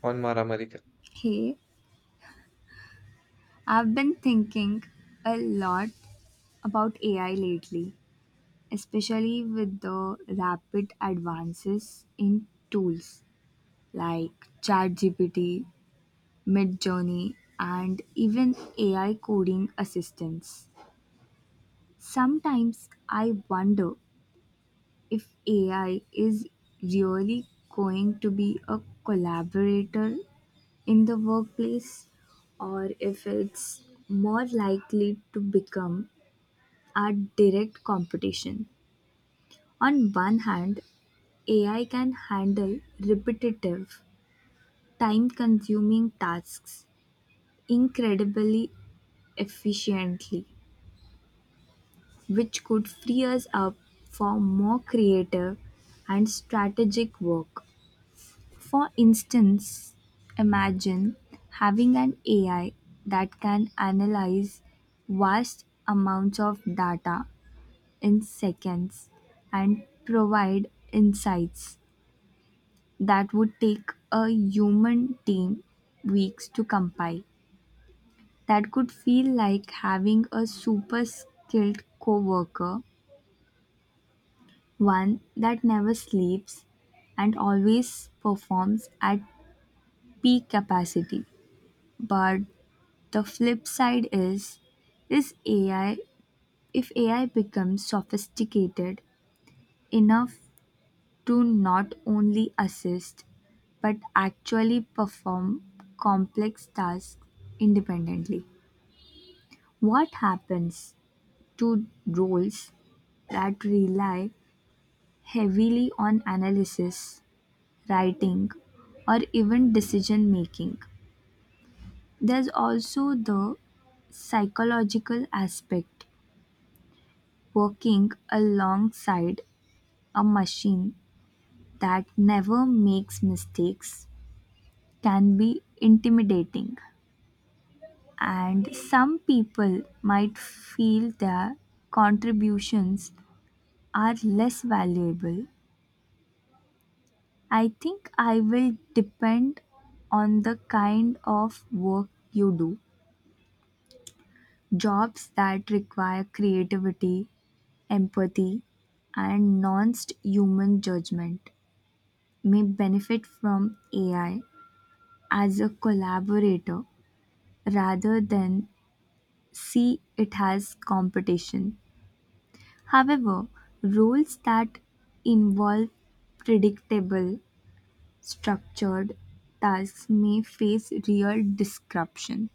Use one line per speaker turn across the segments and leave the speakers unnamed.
On Maramarica.
Hey, I've been thinking a lot about AI lately, especially with the rapid advances in tools like ChatGPT, Midjourney, and even AI coding assistants. Sometimes I wonder if AI is really going to be a collaborator in the workplace or if it's more likely to become are direct competition. On one hand, AI can handle repetitive, time consuming tasks incredibly efficiently, which could free us up for more creative and strategic work. For instance, imagine having an AI that can analyze vast amounts of data in seconds and provide insights that would take a human team weeks to compile. That could feel like having a super skilled coworker, one that never sleeps and always performs at peak capacity. But the flip side is, AI if AI becomes sophisticated enough to not only assist but actually perform complex tasks independently. What happens to roles that rely heavily on analysis, writing, or even decision making? There's also the psychological aspect, working alongside a machine that never makes mistakes can be intimidating, and some people might feel their contributions are less valuable. I think I will depend on the kind of work you do. Jobs that require creativity, empathy, and non human judgment may benefit from AI as a collaborator rather than see it as competition. However, roles that involve predictable, structured tasks may face real disruption.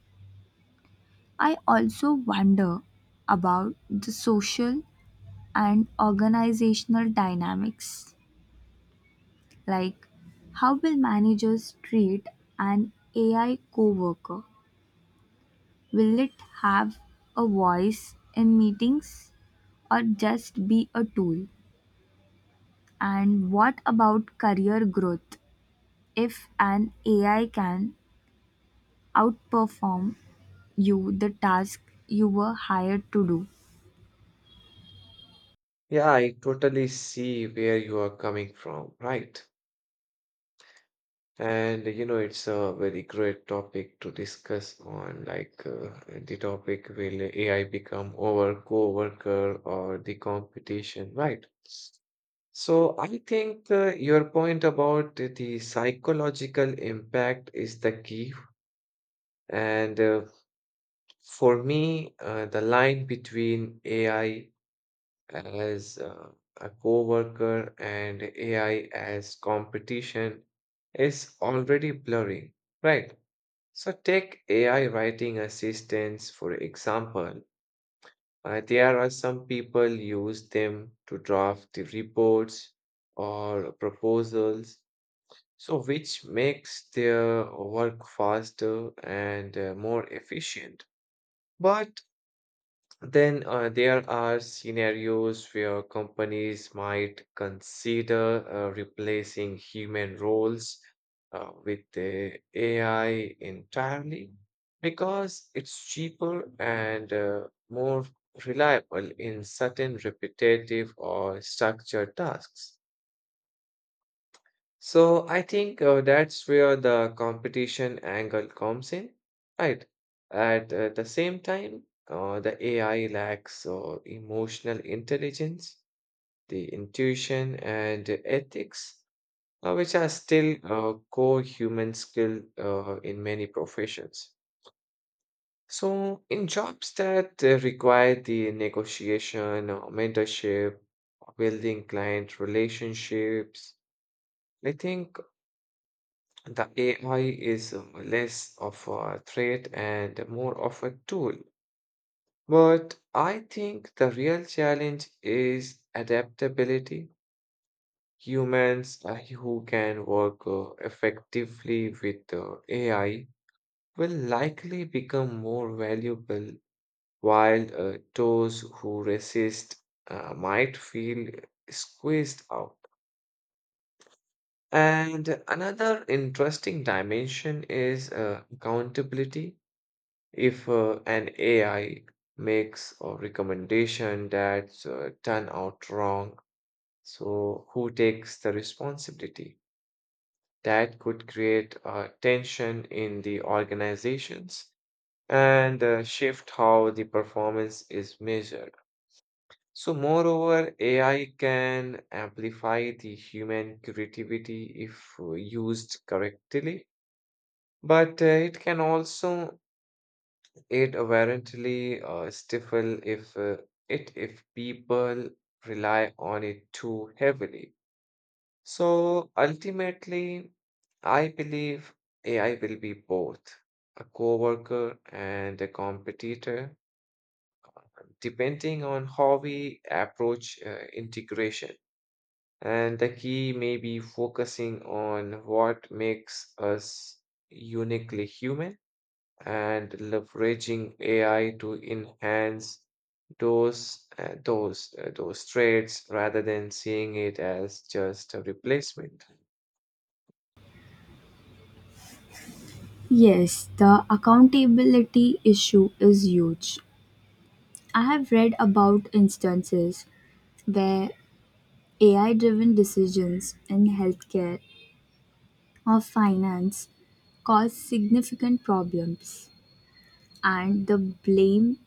I also wonder about the social and organizational dynamics, like how will managers treat an AI coworker? Will it have a voice in meetings or just be a tool? And what about career growth? If an AI can outperform you the task you were hired to do,
Yeah, I totally see where you are coming from, right? And you know, it's a very great topic to discuss on, like the topic will AI become our co-worker or the competition, right? So I think your point about the psychological impact is the key, and for me, the line between AI as a coworker and AI as competition is already blurry, right? So take AI writing assistants, for example. There are some people use them to draft the reports or proposals, so which makes their work faster and more efficient. But then there are scenarios where companies might consider replacing human roles with the AI entirely because it's cheaper and more reliable in certain repetitive or structured tasks. So I think that's where the competition angle comes in, right? At the same time, the AI lacks emotional intelligence, the intuition, and ethics, which are still core human skill in many professions. So in jobs that require the negotiation or mentorship, building client relationships, I think the AI is less of a threat and more of a tool. But I think the real challenge is adaptability. Humans who can work effectively with AI will likely become more valuable, while those who resist might feel squeezed out. And another interesting dimension is accountability if an AI makes a recommendation that's turn out wrong, so who takes the responsibility? That could create tension in the organizations and shift how the performance is measured. So, moreover, AI can amplify the human creativity if used correctly, but it can also it apparently stifle if people rely on it too heavily. So ultimately, I believe AI will be both a coworker and a competitor, depending on how we approach integration. And the key may be focusing on what makes us uniquely human and leveraging AI to enhance those traits rather than seeing it as just a replacement.
yes, the accountability issue is huge. I have read about instances where AI driven decisions in healthcare or finance caused significant problems, and the blame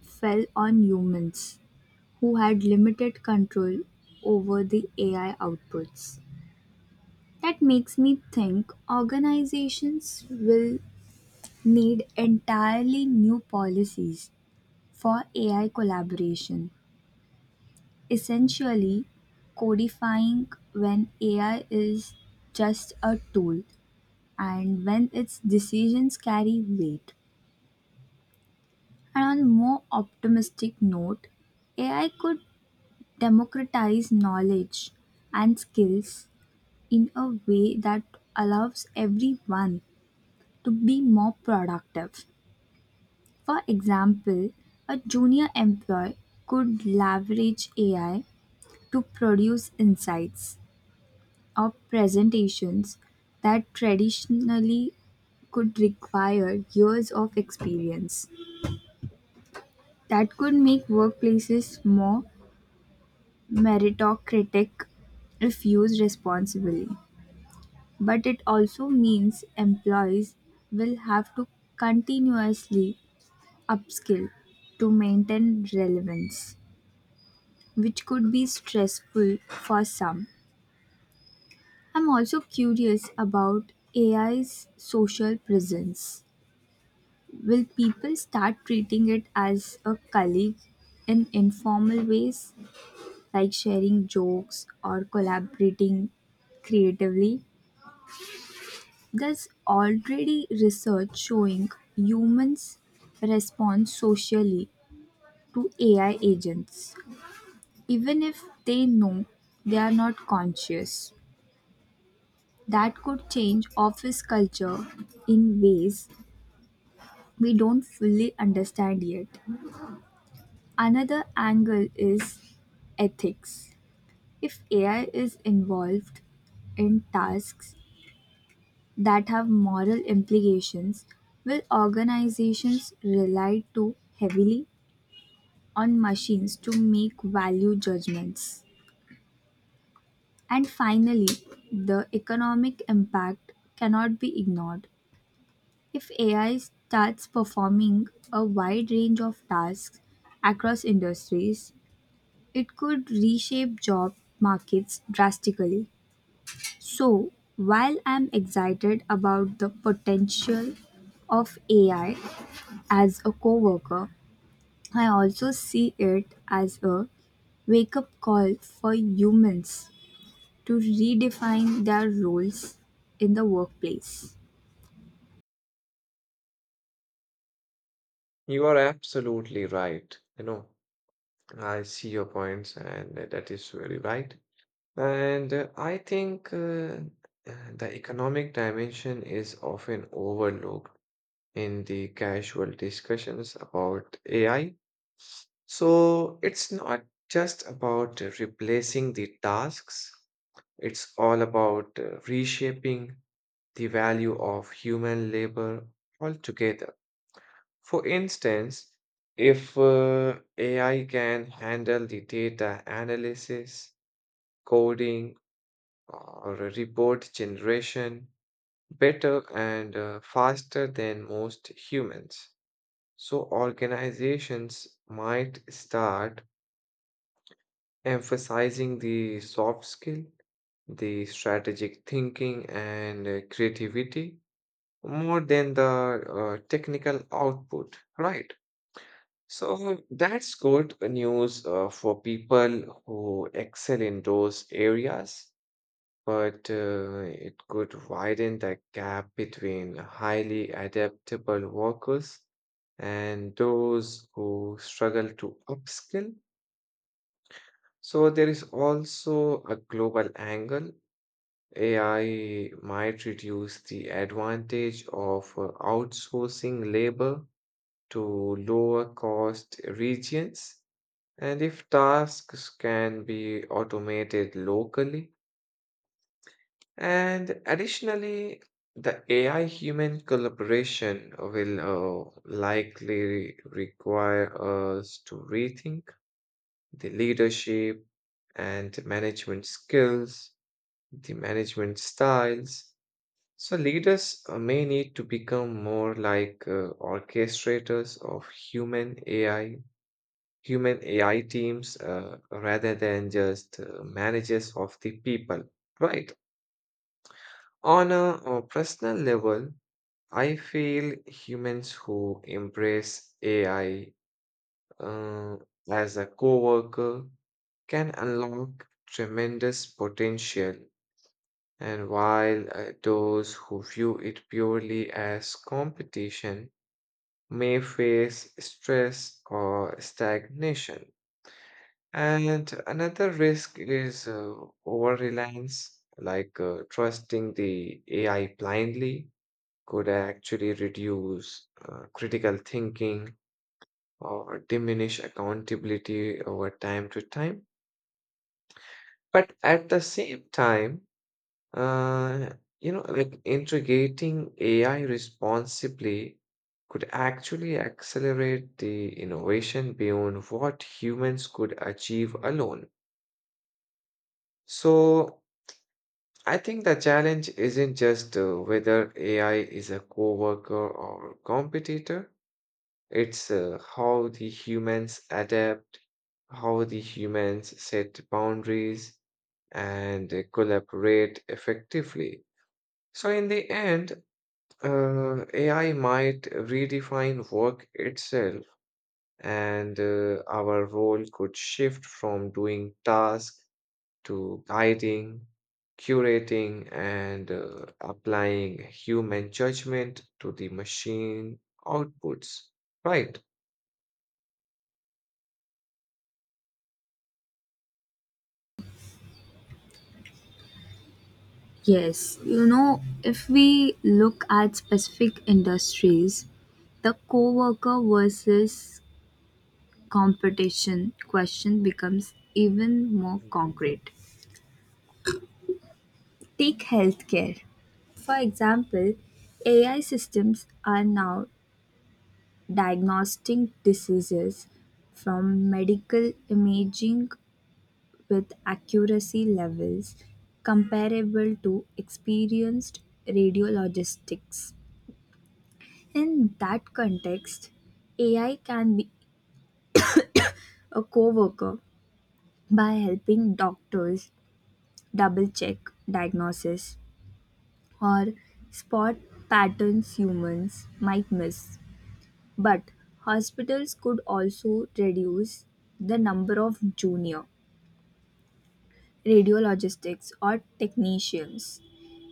fell on humans who had limited control over the AI outputs. That makes me think organizations will need entirely new policies for AI collaboration, essentially codifying when AI is just a tool and when its decisions carry weight. And on a more optimistic note, AI could democratize knowledge and skills in a way that allows everyone to be more productive. For example, a junior employee could leverage AI to produce insights or presentations that traditionally could require years of experience. That could make workplaces more meritocratic if used responsibly. But it also means employees will have to continuously upskill to maintain relevance, which could be stressful for some. I'm also curious about AI's social presence. Will people start treating it as a colleague in informal ways, like sharing jokes or collaborating creatively? There's already research showing humans respond socially to AI agents, even if they know they are not conscious. That could change office culture in ways we don't fully understand yet. Another angle is ethics. If AI is involved in tasks that have moral implications, will organizations rely too heavily on machines to make value judgments? And finally, the economic impact cannot be ignored. If AI starts performing a wide range of tasks across industries, it could reshape job markets drastically. So, while I'm excited about the potential of AI as a coworker, I also see it as a wake up call for humans to redefine their roles in the workplace.
You are absolutely right. You know, I see your points, and that is very right. And I think the economic dimension is often overlooked in the casual discussions about AI. So it's not just about replacing the tasks, it's all about reshaping the value of human labor altogether. For instance, if AI can handle the data analysis, coding, or report generation better and faster than most humans, so organizations might start emphasizing the soft skill, the strategic thinking, and creativity more than the technical output, right? So that's good news for people who excel in those areas, but it could widen the gap between highly adaptable workers and those who struggle to upskill. So there is also a global angle. AI might reduce the advantage of outsourcing labor to lower cost regions. And if tasks can be automated locally, and additionally, the AI human collaboration will likely require us to rethink the leadership and management skills, the management styles. So leaders may need to become more like orchestrators of human AI teams, rather than just managers of the people, right? On a personal level, I feel humans who embrace AI uh, as a coworker can unlock tremendous potential. And while those who view it purely as competition may face stress or stagnation. And another risk is over reliance, like trusting the AI blindly could actually reduce critical thinking or diminish accountability over time to time. But at the same time, Uh, you know, like integrating AI responsibly could actually accelerate the innovation beyond what humans could achieve alone. So I think the challenge isn't just whether AI is a coworker or competitor, it's how the humans adapt, how the humans set boundaries and collaborate effectively. So in the end, AI might redefine work itself, and our role could shift from doing tasks to guiding, curating, and applying human judgment to the machine outputs. Right,
Yes, you know, if we look at specific industries, the coworker versus competition question becomes even more
Mm.
concrete. Take healthcare. For example, AI systems are now diagnosing diseases from medical imaging with accuracy levels comparable to experienced radiologists. In that context, AI can be a co worker by helping doctors double check diagnosis or spot patterns humans might miss. But hospitals could also reduce the number of junior radiologists or technicians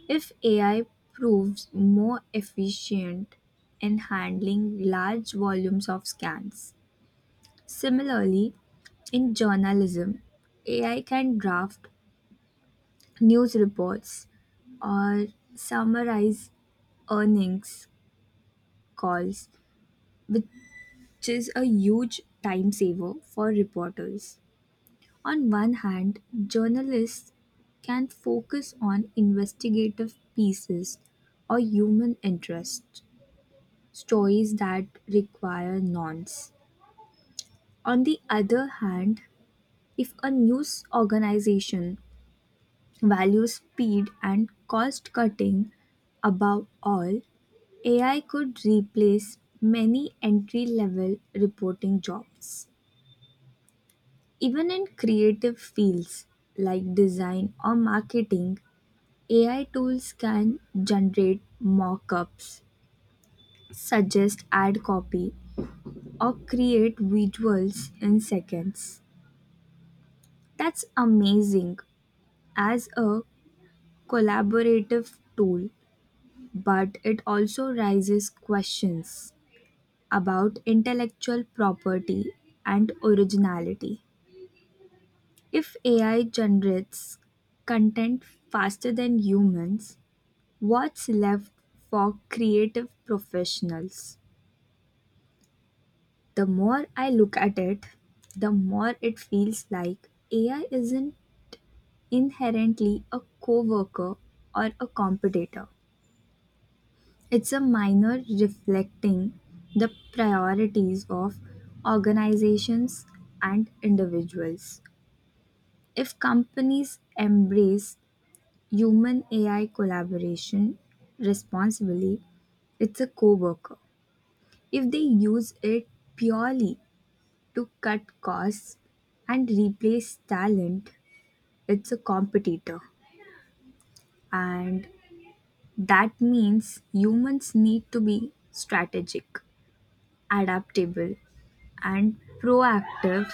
if AI proves more efficient in handling large volumes of scans. Similarly, in journalism, AI can draft news reports or summarize earnings calls, which which is a huge time saver for reporters. On one hand, journalists can focus on investigative pieces or human interest stories that require nuance. On the other hand, if a news organization values speed and cost cutting above all, AI could replace many entry level reporting jobs. Even in creative fields like design or marketing, AI tools can generate mock ups, suggest ad copy, or create visuals in seconds. That's amazing as a collaborative tool, but it also raises questions about intellectual property and originality. If AI generates content faster than humans, what's left for creative professionals? The more I look at it, the more it feels like AI isn't inherently a coworker or a competitor. It's a minor reflecting the priorities of organizations and individuals. If companies embrace human AI collaboration responsibly, it's a coworker. If they use it purely to cut costs and replace talent, it's a competitor. And that means humans need to be strategic, adaptable, and proactive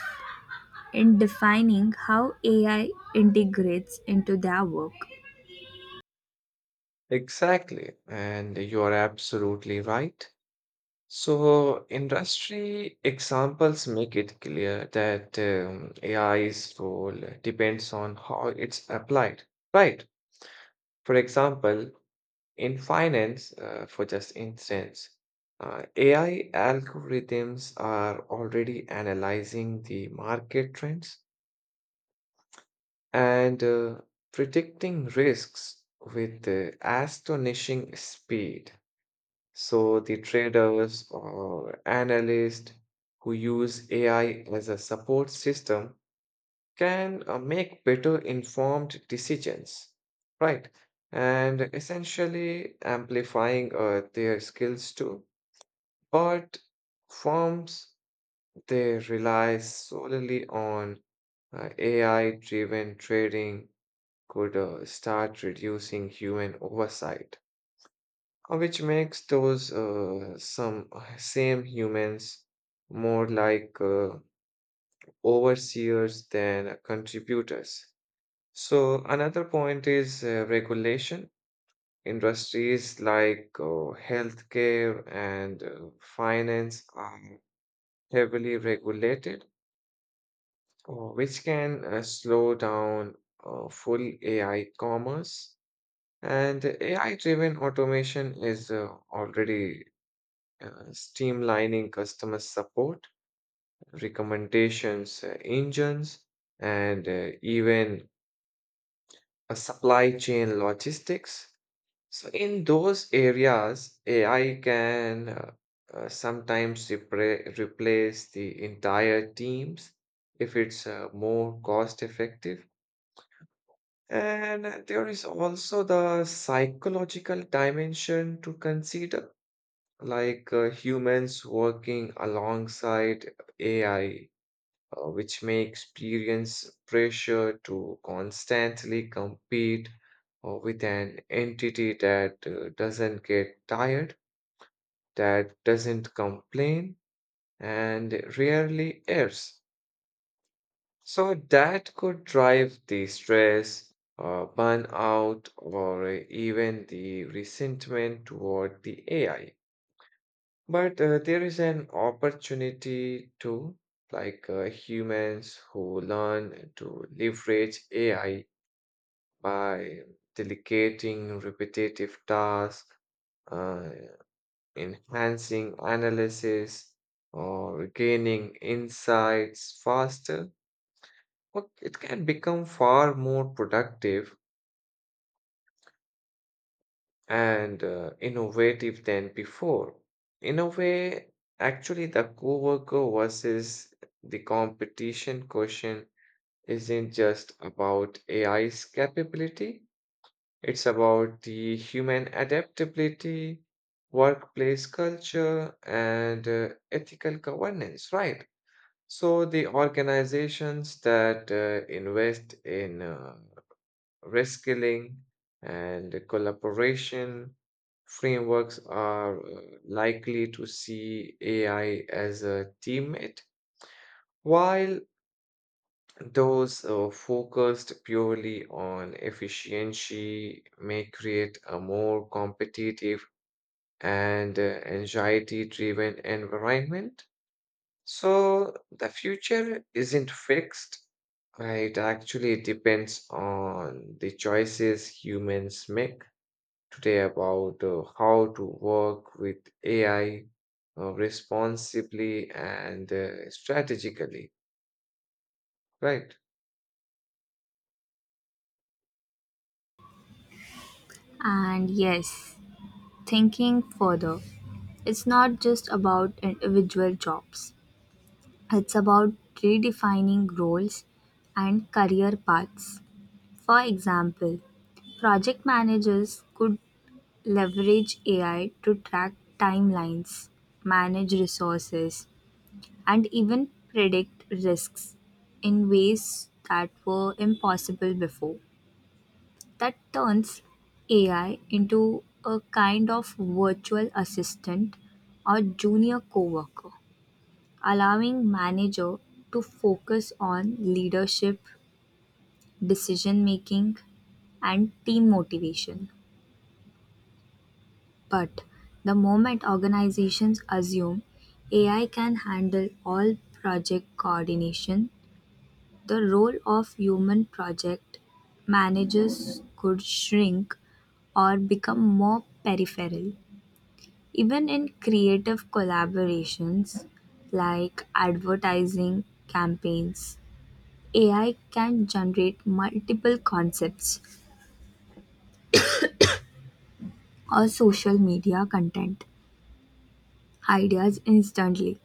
in defining how AI integrates into their work.
Exactly. And you're absolutely right. So, industry examples make it clear that AI's role depends on how it's applied, right? For example, in finance, for just instance, AI algorithms are already analyzing the market trends and predicting risks with astonishing speed. So the traders or analysts who use AI as a support system can make better informed decisions, right? And essentially amplifying their skills too. But firms, they rely solely on AI-driven trading could start reducing human oversight, which makes those some same humans more like overseers than contributors. So another point is regulation. Industries like healthcare and finance are heavily regulated, which can slow down full AI commerce. And AI-driven automation is already streamlining customer support, recommendations engines, and even a supply chain logistics. So, in those areas, AI can sometimes replace the entire teams if it's more cost effective. And there is also the psychological dimension to consider, like humans working alongside AI which may experience pressure to constantly compete with an entity that doesn't get tired, that doesn't complain, and rarely errs. So that could drive the stress, burnout, or even the resentment toward the AI. But there is an opportunity too, like humans who learn to leverage AI by delegating repetitive tasks, uh, enhancing analysis, or gaining insights faster. Well, it can become far more productive and innovative than before. In a way, actually, the coworker versus the competition question isn't just about AI's capability, it's about the human adaptability, workplace culture, and ethical governance, right? So, the organizations that invest in reskilling, and collaboration frameworks are likely to see AI as a teammate, while those focused purely on efficiency may create a more competitive and anxiety driven environment. So the future isn't fixed. It actually depends on the choices humans make today about how to work with AI responsibly and strategically, right?
And yes, thinking further, it's not just about individual jobs. It's about redefining roles and career paths. For example, project managers could leverage AI to track timelines, manage resources, and even predict risks in ways that were impossible before. That turns AI into a kind of virtual assistant or junior coworker, allowing manager to focus on leadership, decision making, and team motivation. But the moment organizations assume AI can handle all project coordination, the role of human project managers could shrink or become more peripheral. Even in creative collaborations like advertising campaigns, AI can generate multiple concepts or social media content ideas instantly.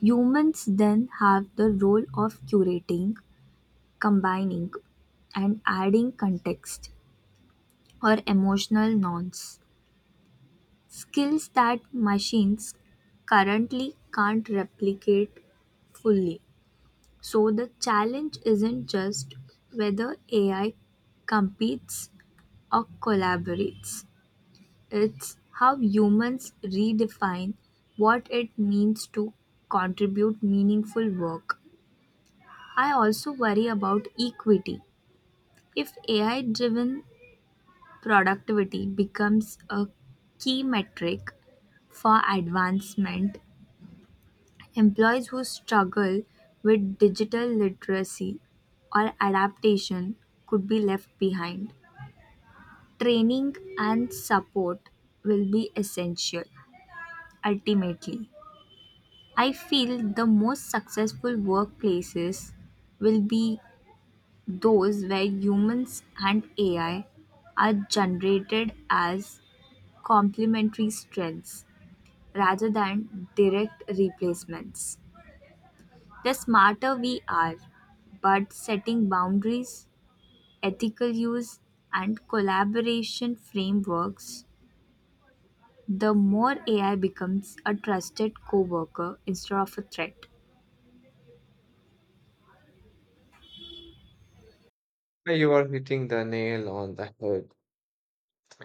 Humans then have the role of curating, combining, and adding context or emotional nuance, skills that machines currently can't replicate fully. So the challenge isn't just whether AI competes or collaborates, it's how humans redefine what it means to contribute meaningful work. I also worry about equity. If AI driven productivity becomes a key metric for advancement, employees who struggle with digital literacy or adaptation could be left behind. Training and support will be essential. Ultimately, I feel the most successful workplaces will be those where humans and AI are generated as complementary strengths rather than direct replacements. The smarter we are, but setting boundaries, ethical use, and collaboration frameworks, the more AI becomes a trusted coworker instead of a threat.
Now you are hitting the nail on the head,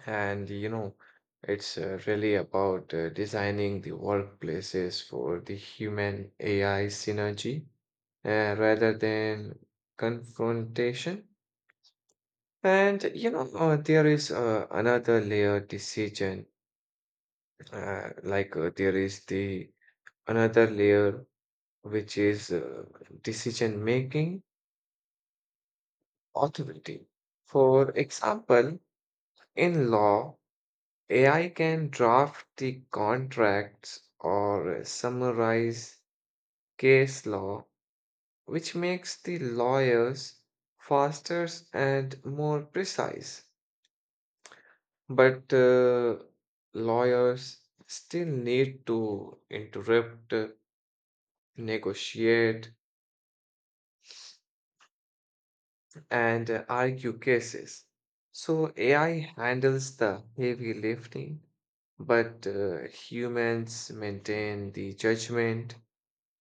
and you know, it's really about designing the workplaces for the human AI synergy rather than confrontation. And you know, there is another layer decision, like there is the another layer, which is decision making authority. For example, in law, AI can draft the contracts or summarize case law, which makes the lawyers faster and more precise. But lawyers still need to interrupt, negotiate, and argue cases. So AI handles the heavy lifting, but humans maintain the judgment,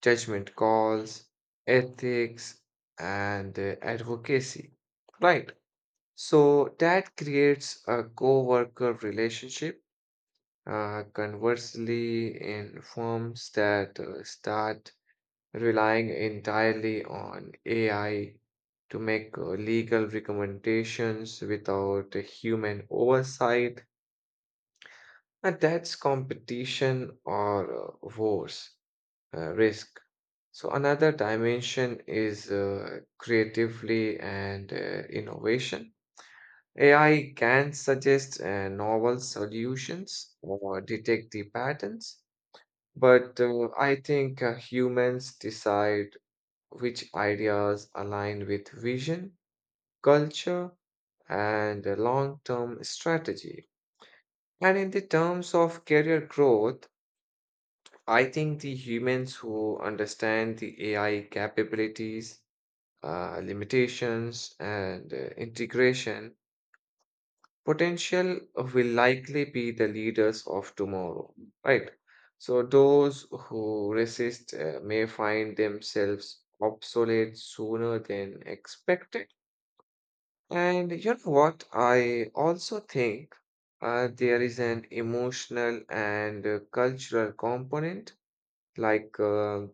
judgment calls, ethics, and advocacy. Right. So that creates a co-worker relationship. Conversely, in firms that start relying entirely on AI to make legal recommendations without a human oversight, and that's competition or worse, risk. So, another dimension is creatively and innovation. AI can suggest novel solutions or detect the patterns, but I think humans decide which ideas align with vision, culture, and a long term strategy. And in the terms of career growth, I think the humans who understand the AI capabilities, limitations, and integration potential will likely be the leaders of tomorrow, right? So those who resist may find themselves obsolete sooner than expected. And you know what? I also think there is an emotional and cultural component. Like,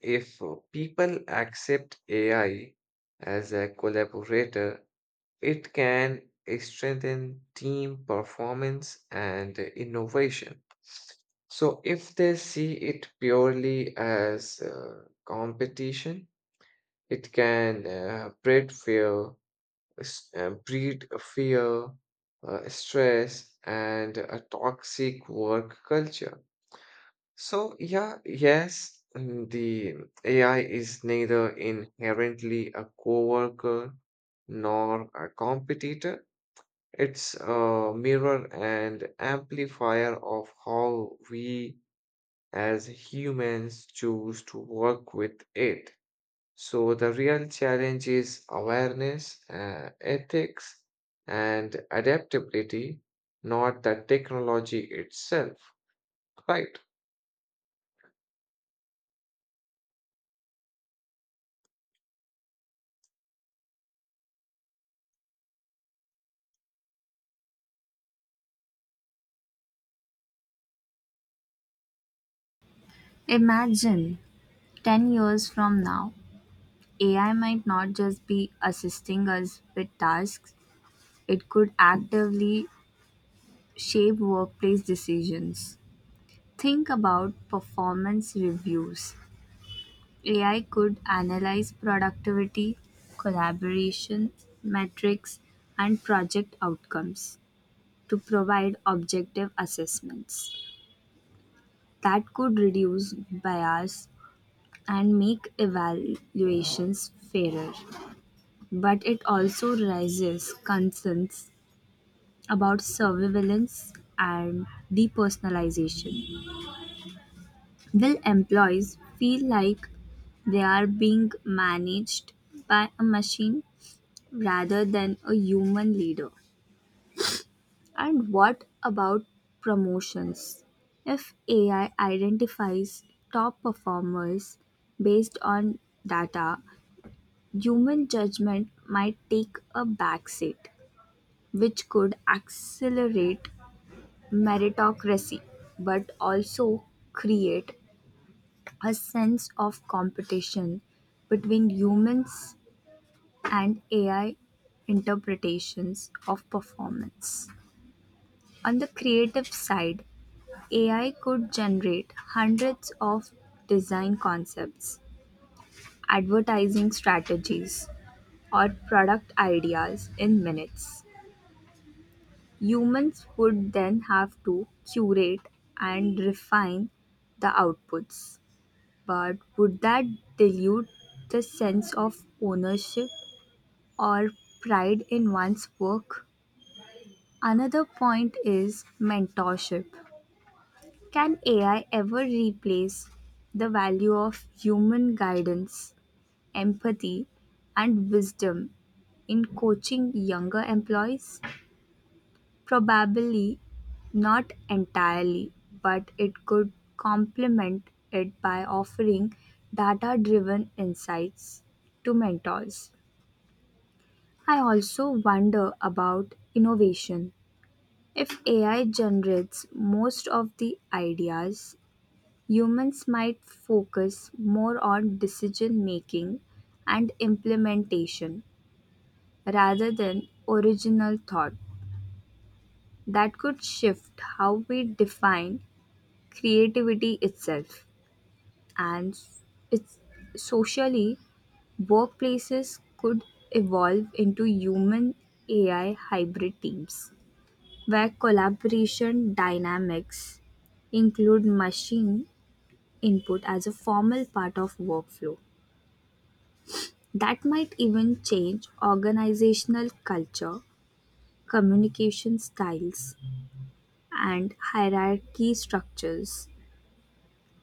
if people accept AI as a collaborator, it can strengthen team performance and innovation. So, if they see it purely as competition, it can breed fear, stress, and a toxic work culture. So, yeah, yes, mm, the AI is neither inherently a coworker nor a competitor. It's a mirror and amplifier of how we as humans choose to work with it. So the real challenge is awareness, ethics, and adaptability, not the technology itself. Right.
Imagine 10 years from now, AI might not just be assisting us with tasks, it could actively shape workplace decisions. Think about performance reviews. AI could analyze productivity, collaboration, metrics, and project outcomes to provide objective assessments. That could reduce bias and make evaluations fairer, but it also raises concerns about surveillance and depersonalization. Will employees feel like they are being managed by a machine rather than a human leader? And what about promotions? If AI identifies top performers based on data, human judgment might take a backseat, which could accelerate meritocracy but also create a sense of competition between humans and AI interpretations of performance. On the creative side, AI could generate hundreds of design concepts, advertising strategies, or product ideas in minutes. Humans would then have to curate and refine the outputs. But would that dilute the sense of ownership or pride in one's work? Another point is mentorship. Can AI ever replace the value of human guidance, empathy, and wisdom in coaching younger employees? Probably not entirely, but it could complement it by offering data driven insights to mentors. I also wonder about innovation. If AI generates most of the ideas, humans might focus more on decision making and implementation rather than original thought. That could shift how we define creativity itself. And s- it's socially, workplaces could evolve into human AI hybrid teams where collaboration dynamics include machine input as a formal part of workflow. That might even change organizational culture, communication styles, and hierarchy structures.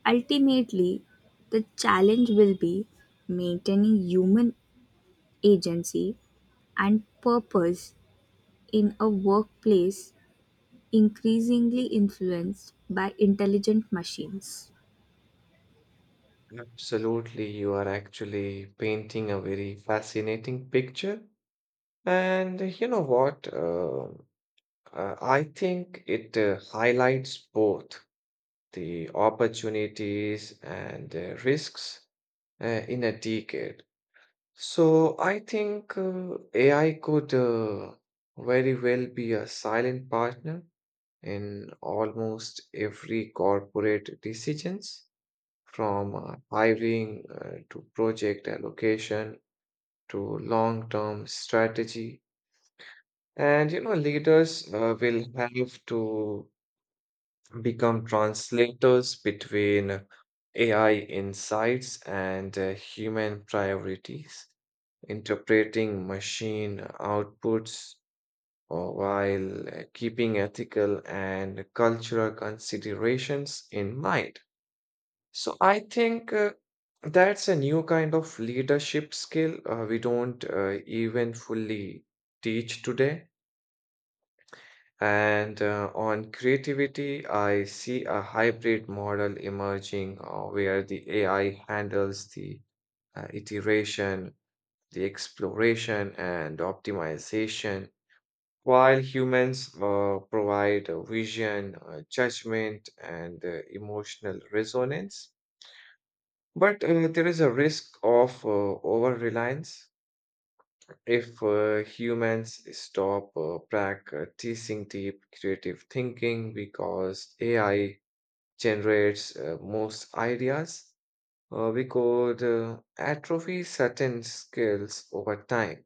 Ultimately, the challenge will be maintaining human agency and purpose in a workplace increasingly influenced by intelligent machines.
Absolutely. You are actually painting a very fascinating picture. And you know what? I think it highlights both the opportunities and risks in a decade. So I think AI could very well be a silent partner in almost every corporate decisions, from hiring to project allocation to long-term strategy. And you know, leaders will have to become translators between AI insights and human priorities. Interpreting machine outputs or while keeping ethical and cultural considerations in mind. So I think that's a new kind of leadership skill we don't even fully teach today. And on creativity, I see a hybrid model emerging where the AI handles the iteration, the exploration, and optimization, while humans provide a vision, judgment, and emotional resonance, but there is a risk of over reliance if humans stop practicing deep creative thinking because AI generates most ideas. We could atrophy certain skills over time.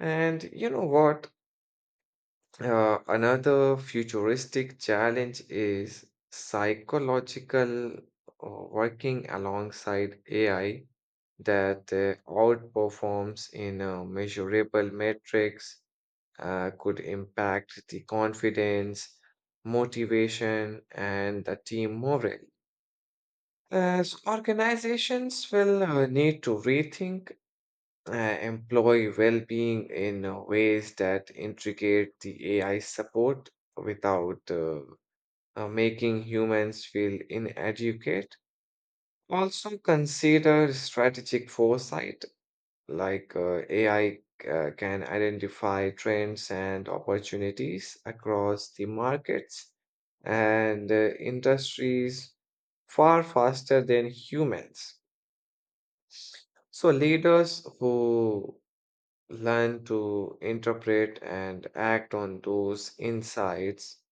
And you know what? Another futuristic challenge is psychological working alongside AI that outperforms in measurable metrics, could impact the confidence, motivation, and the team morale. As organizations will need to rethink employ well-being in ways that integrate the AI support without making humans feel inadequate. Also consider strategic foresight, like AI can identify trends and opportunities across the markets and industries far faster than humans. So leaders who learn to interpret and act on those insights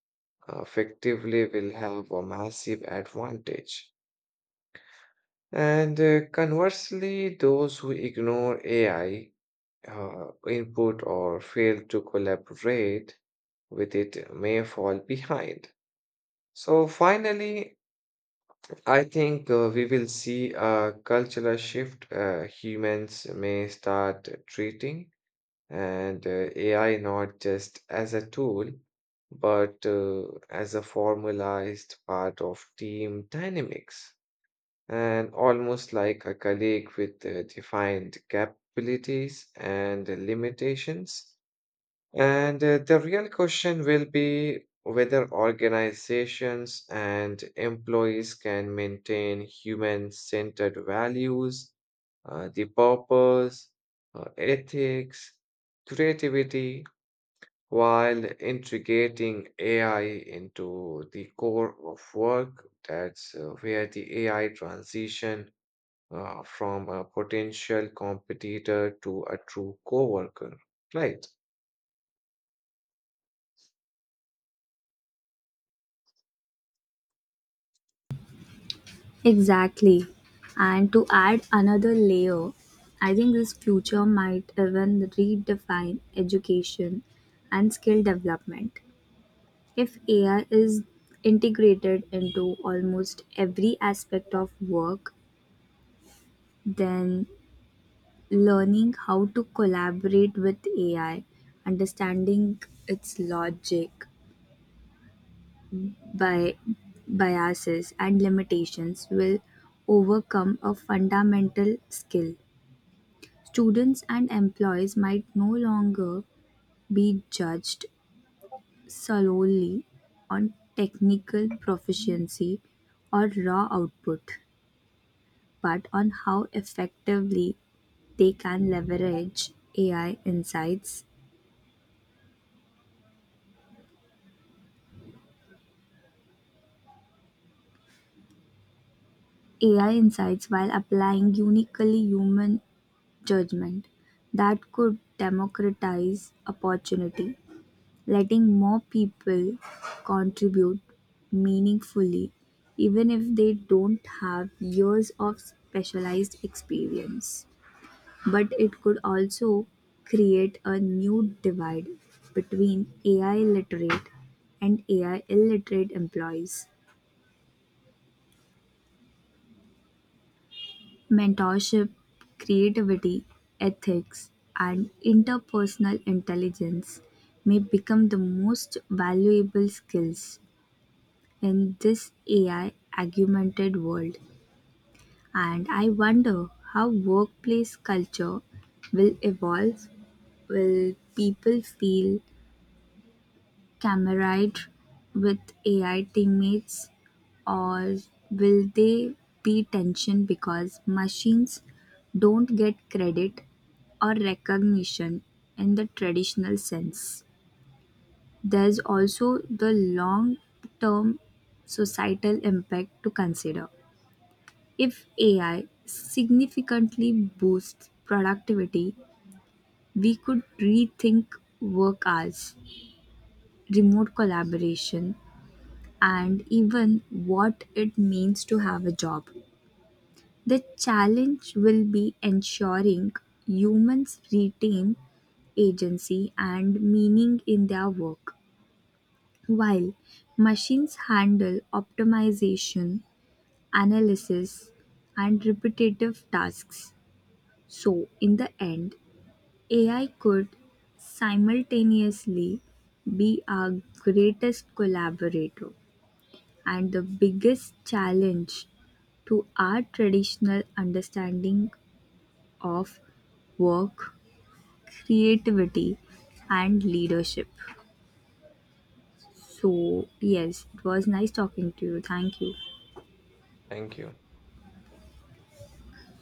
effectively will have a massive advantage. And conversely, those who ignore AI input or fail to collaborate with it may fall behind. So, finally, I think we will see a cultural shift. Humans may start treating and AI not just as a tool, but as a formalized part of team dynamics, and almost like a colleague with defined capabilities and limitations. And the real question will be whether organizations and employees can maintain human centered values, the purpose, ethics, creativity, while integrating AI into the core of work. That's where the AI transition from a potential competitor to a true coworker. Right.
Exactly. And to add another layer, I think this future might even redefine education and skill development. If AI is integrated into almost every aspect of work, then learning how to collaborate with AI, understanding its logic, by biases, and limitations will overcome a fundamental skill. Students and employees might no longer be judged solely on technical proficiency or raw output, but on how effectively they can leverage AI insights AI insights while applying uniquely human judgment. That could democratize opportunity, letting more people contribute meaningfully, even if they don't have years of specialized experience. But it could also create a new divide between AI literate and AI illiterate employees. Mentorship, creativity, ethics, and interpersonal intelligence may become the most valuable skills in this AI augmented world. And I wonder how workplace culture will evolve. Will people feel camaraderie with AI teammates, or will they be tension because machines don't get credit or recognition in the traditional sense? There's also the long term societal impact to consider. If AI significantly boosts productivity, we could rethink work hours, remote collaboration, and even what it means to have a job. The challenge will be ensuring humans retain agency and meaning in their work, while machines handle optimization, analysis, and repetitive tasks. So, in the end, AI could simultaneously be our greatest collaborator and the biggest challenge to our traditional understanding of work, creativity, and leadership. So, yes, it was nice talking to you. Thank you.
Thank you.